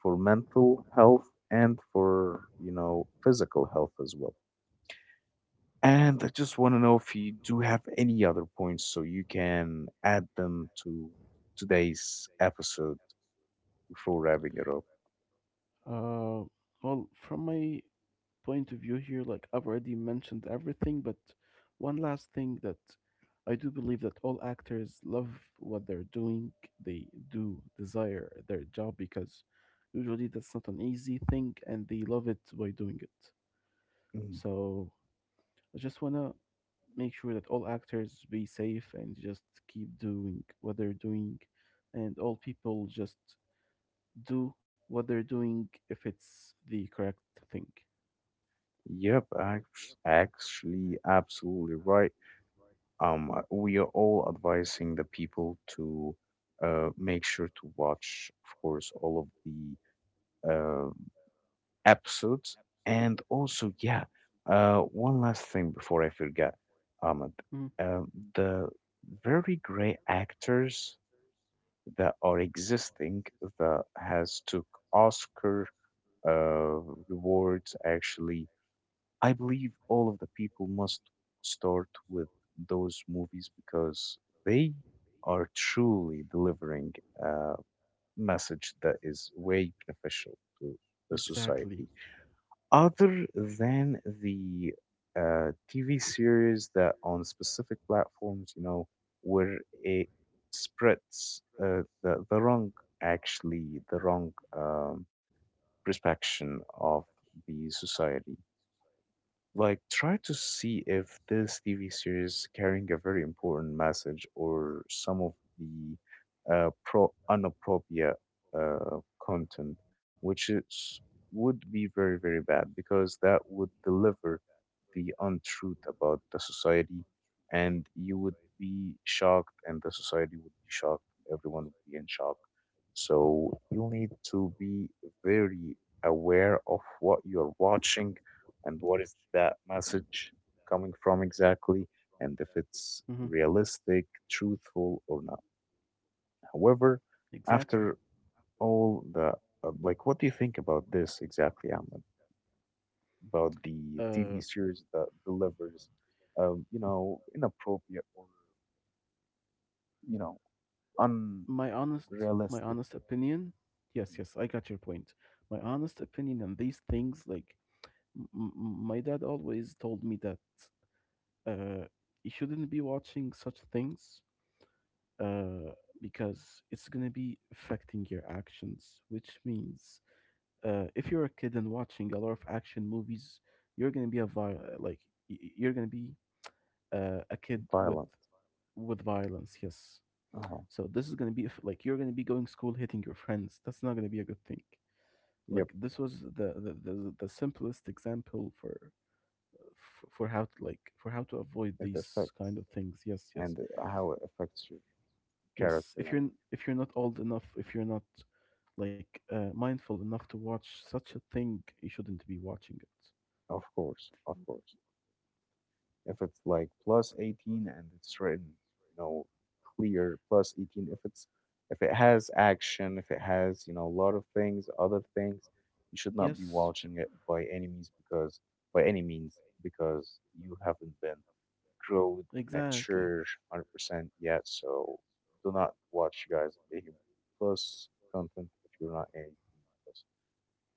Speaker 1: for mental health and for, you know, physical health as well. And I just want to know if you do have any other points so you can add them to today's episode before wrapping it up.
Speaker 2: Uh, well, from my point of view here, like I've already mentioned everything, but one last thing that I do believe that all actors love what they're doing. They do desire their job because usually that's not an easy thing, and they love it by doing it.
Speaker 1: Mm.
Speaker 2: So I just wanna make sure that all actors be safe and just keep doing what they're doing, and all people just do what they're doing if it's the correct thing.
Speaker 1: Yep, act- actually, absolutely right. Um, uh, we are all advising the people to, uh, make sure to watch, of course, all of the um episodes. And also, yeah, uh, one last thing before I forget, Ahmed.
Speaker 2: Mm,
Speaker 1: Um, the very great actors that are existing that has took Oscar uh, rewards actually. I believe all of the people must start with those movies because they are truly delivering a message that is way beneficial to the
Speaker 2: exactly.
Speaker 1: society. Other than the uh, T V series that on specific platforms, you know, where it spreads uh, the the wrong, actually, the wrong um, perception of the society. Like, try to see if this T V series carrying a very important message or some of the uh, pro inappropriate uh, content, which is would be very, very bad because that would deliver the untruth about the society, and you would be shocked, and the society would be shocked, and everyone would be in shock. So you'll need to be very aware of what you're watching and what is that message coming from exactly, and if it's
Speaker 2: Hmm.
Speaker 1: realistic, truthful, or not. However,
Speaker 2: Exactly.
Speaker 1: after all the, uh, like, what do you think about this exactly, Ahmed? About the T V
Speaker 2: Uh,
Speaker 1: series that delivers, um, you know, inappropriate or, you know,
Speaker 2: my honest, my
Speaker 1: unrealistic,
Speaker 2: honest opinion. Yes,
Speaker 1: mhm,
Speaker 2: yes, I got your point. My honest opinion on these things, like m- m- my dad always told me that, uh, you shouldn't be watching such things, uh, because it's gonna be affecting your actions, which means, uh, if you're a kid and watching a lot of action movies, you're gonna be a vi- like y- y- you're gonna be uh, a kid with
Speaker 1: violent.
Speaker 2: with violence. Yes.
Speaker 1: Uh-huh.
Speaker 2: So this is gonna be, if like you're gonna be going school hitting your friends. That's not gonna be a good thing.
Speaker 1: Yep,
Speaker 2: Like this was the the, the, the simplest example for f- for how to, like for how to avoid
Speaker 1: it
Speaker 2: these
Speaker 1: affects,
Speaker 2: kind of things. Yes, yes,
Speaker 1: and how it affects your character
Speaker 2: yes. If you're
Speaker 1: and
Speaker 2: n-
Speaker 1: you.
Speaker 2: if you're not old enough, if you're not like uh, mindful enough to watch such a thing, you shouldn't be watching it.
Speaker 1: Of course, of course. If it's like plus eighteen and it's written, you know, clear plus eighteen, if it's if it has action, if it has, you know, a lot of things, other things, you should not be
Speaker 2: Yes,
Speaker 1: watching it by any means because by any means because you haven't been grown,
Speaker 2: exactly.
Speaker 1: mature one hundred percent yet. So do not watch, guys, eighteen plus content if you're not eighteen plus,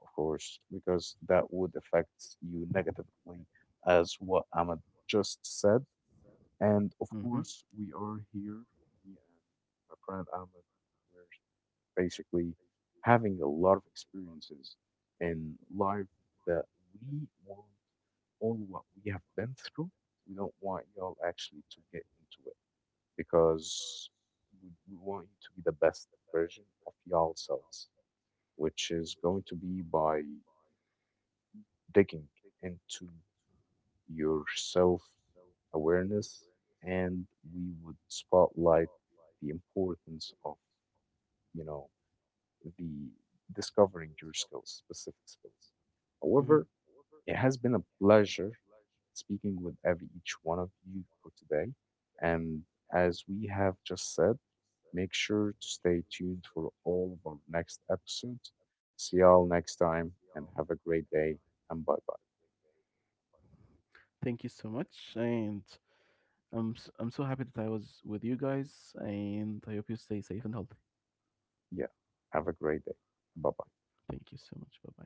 Speaker 1: of course, because that would affect you negatively as what Ahmed just said. And of
Speaker 2: Mm-hmm.
Speaker 1: course, we are here, me and my friend Ahmed, we're basically having a lot of experiences in life that we want all what we have been through. We don't want y'all actually to get into it because we, we want you to be the best version of y'all selves, which is going to be by digging into your self awareness, and we would spotlight the importance of, you know, the discovering your skills, specific skills. However,
Speaker 2: Mm-hmm.
Speaker 1: it has been a pleasure speaking with every each one of you for today, and as we have just said, make sure to stay tuned for all of our next episodes. See y'all next time and have a great day, and bye bye.
Speaker 2: Thank you so much, and I'm s- I'm so happy that I was with you guys, and I hope you stay safe and healthy.
Speaker 1: Yeah, have a great day, bye bye.
Speaker 2: Thank you so much. Bye bye.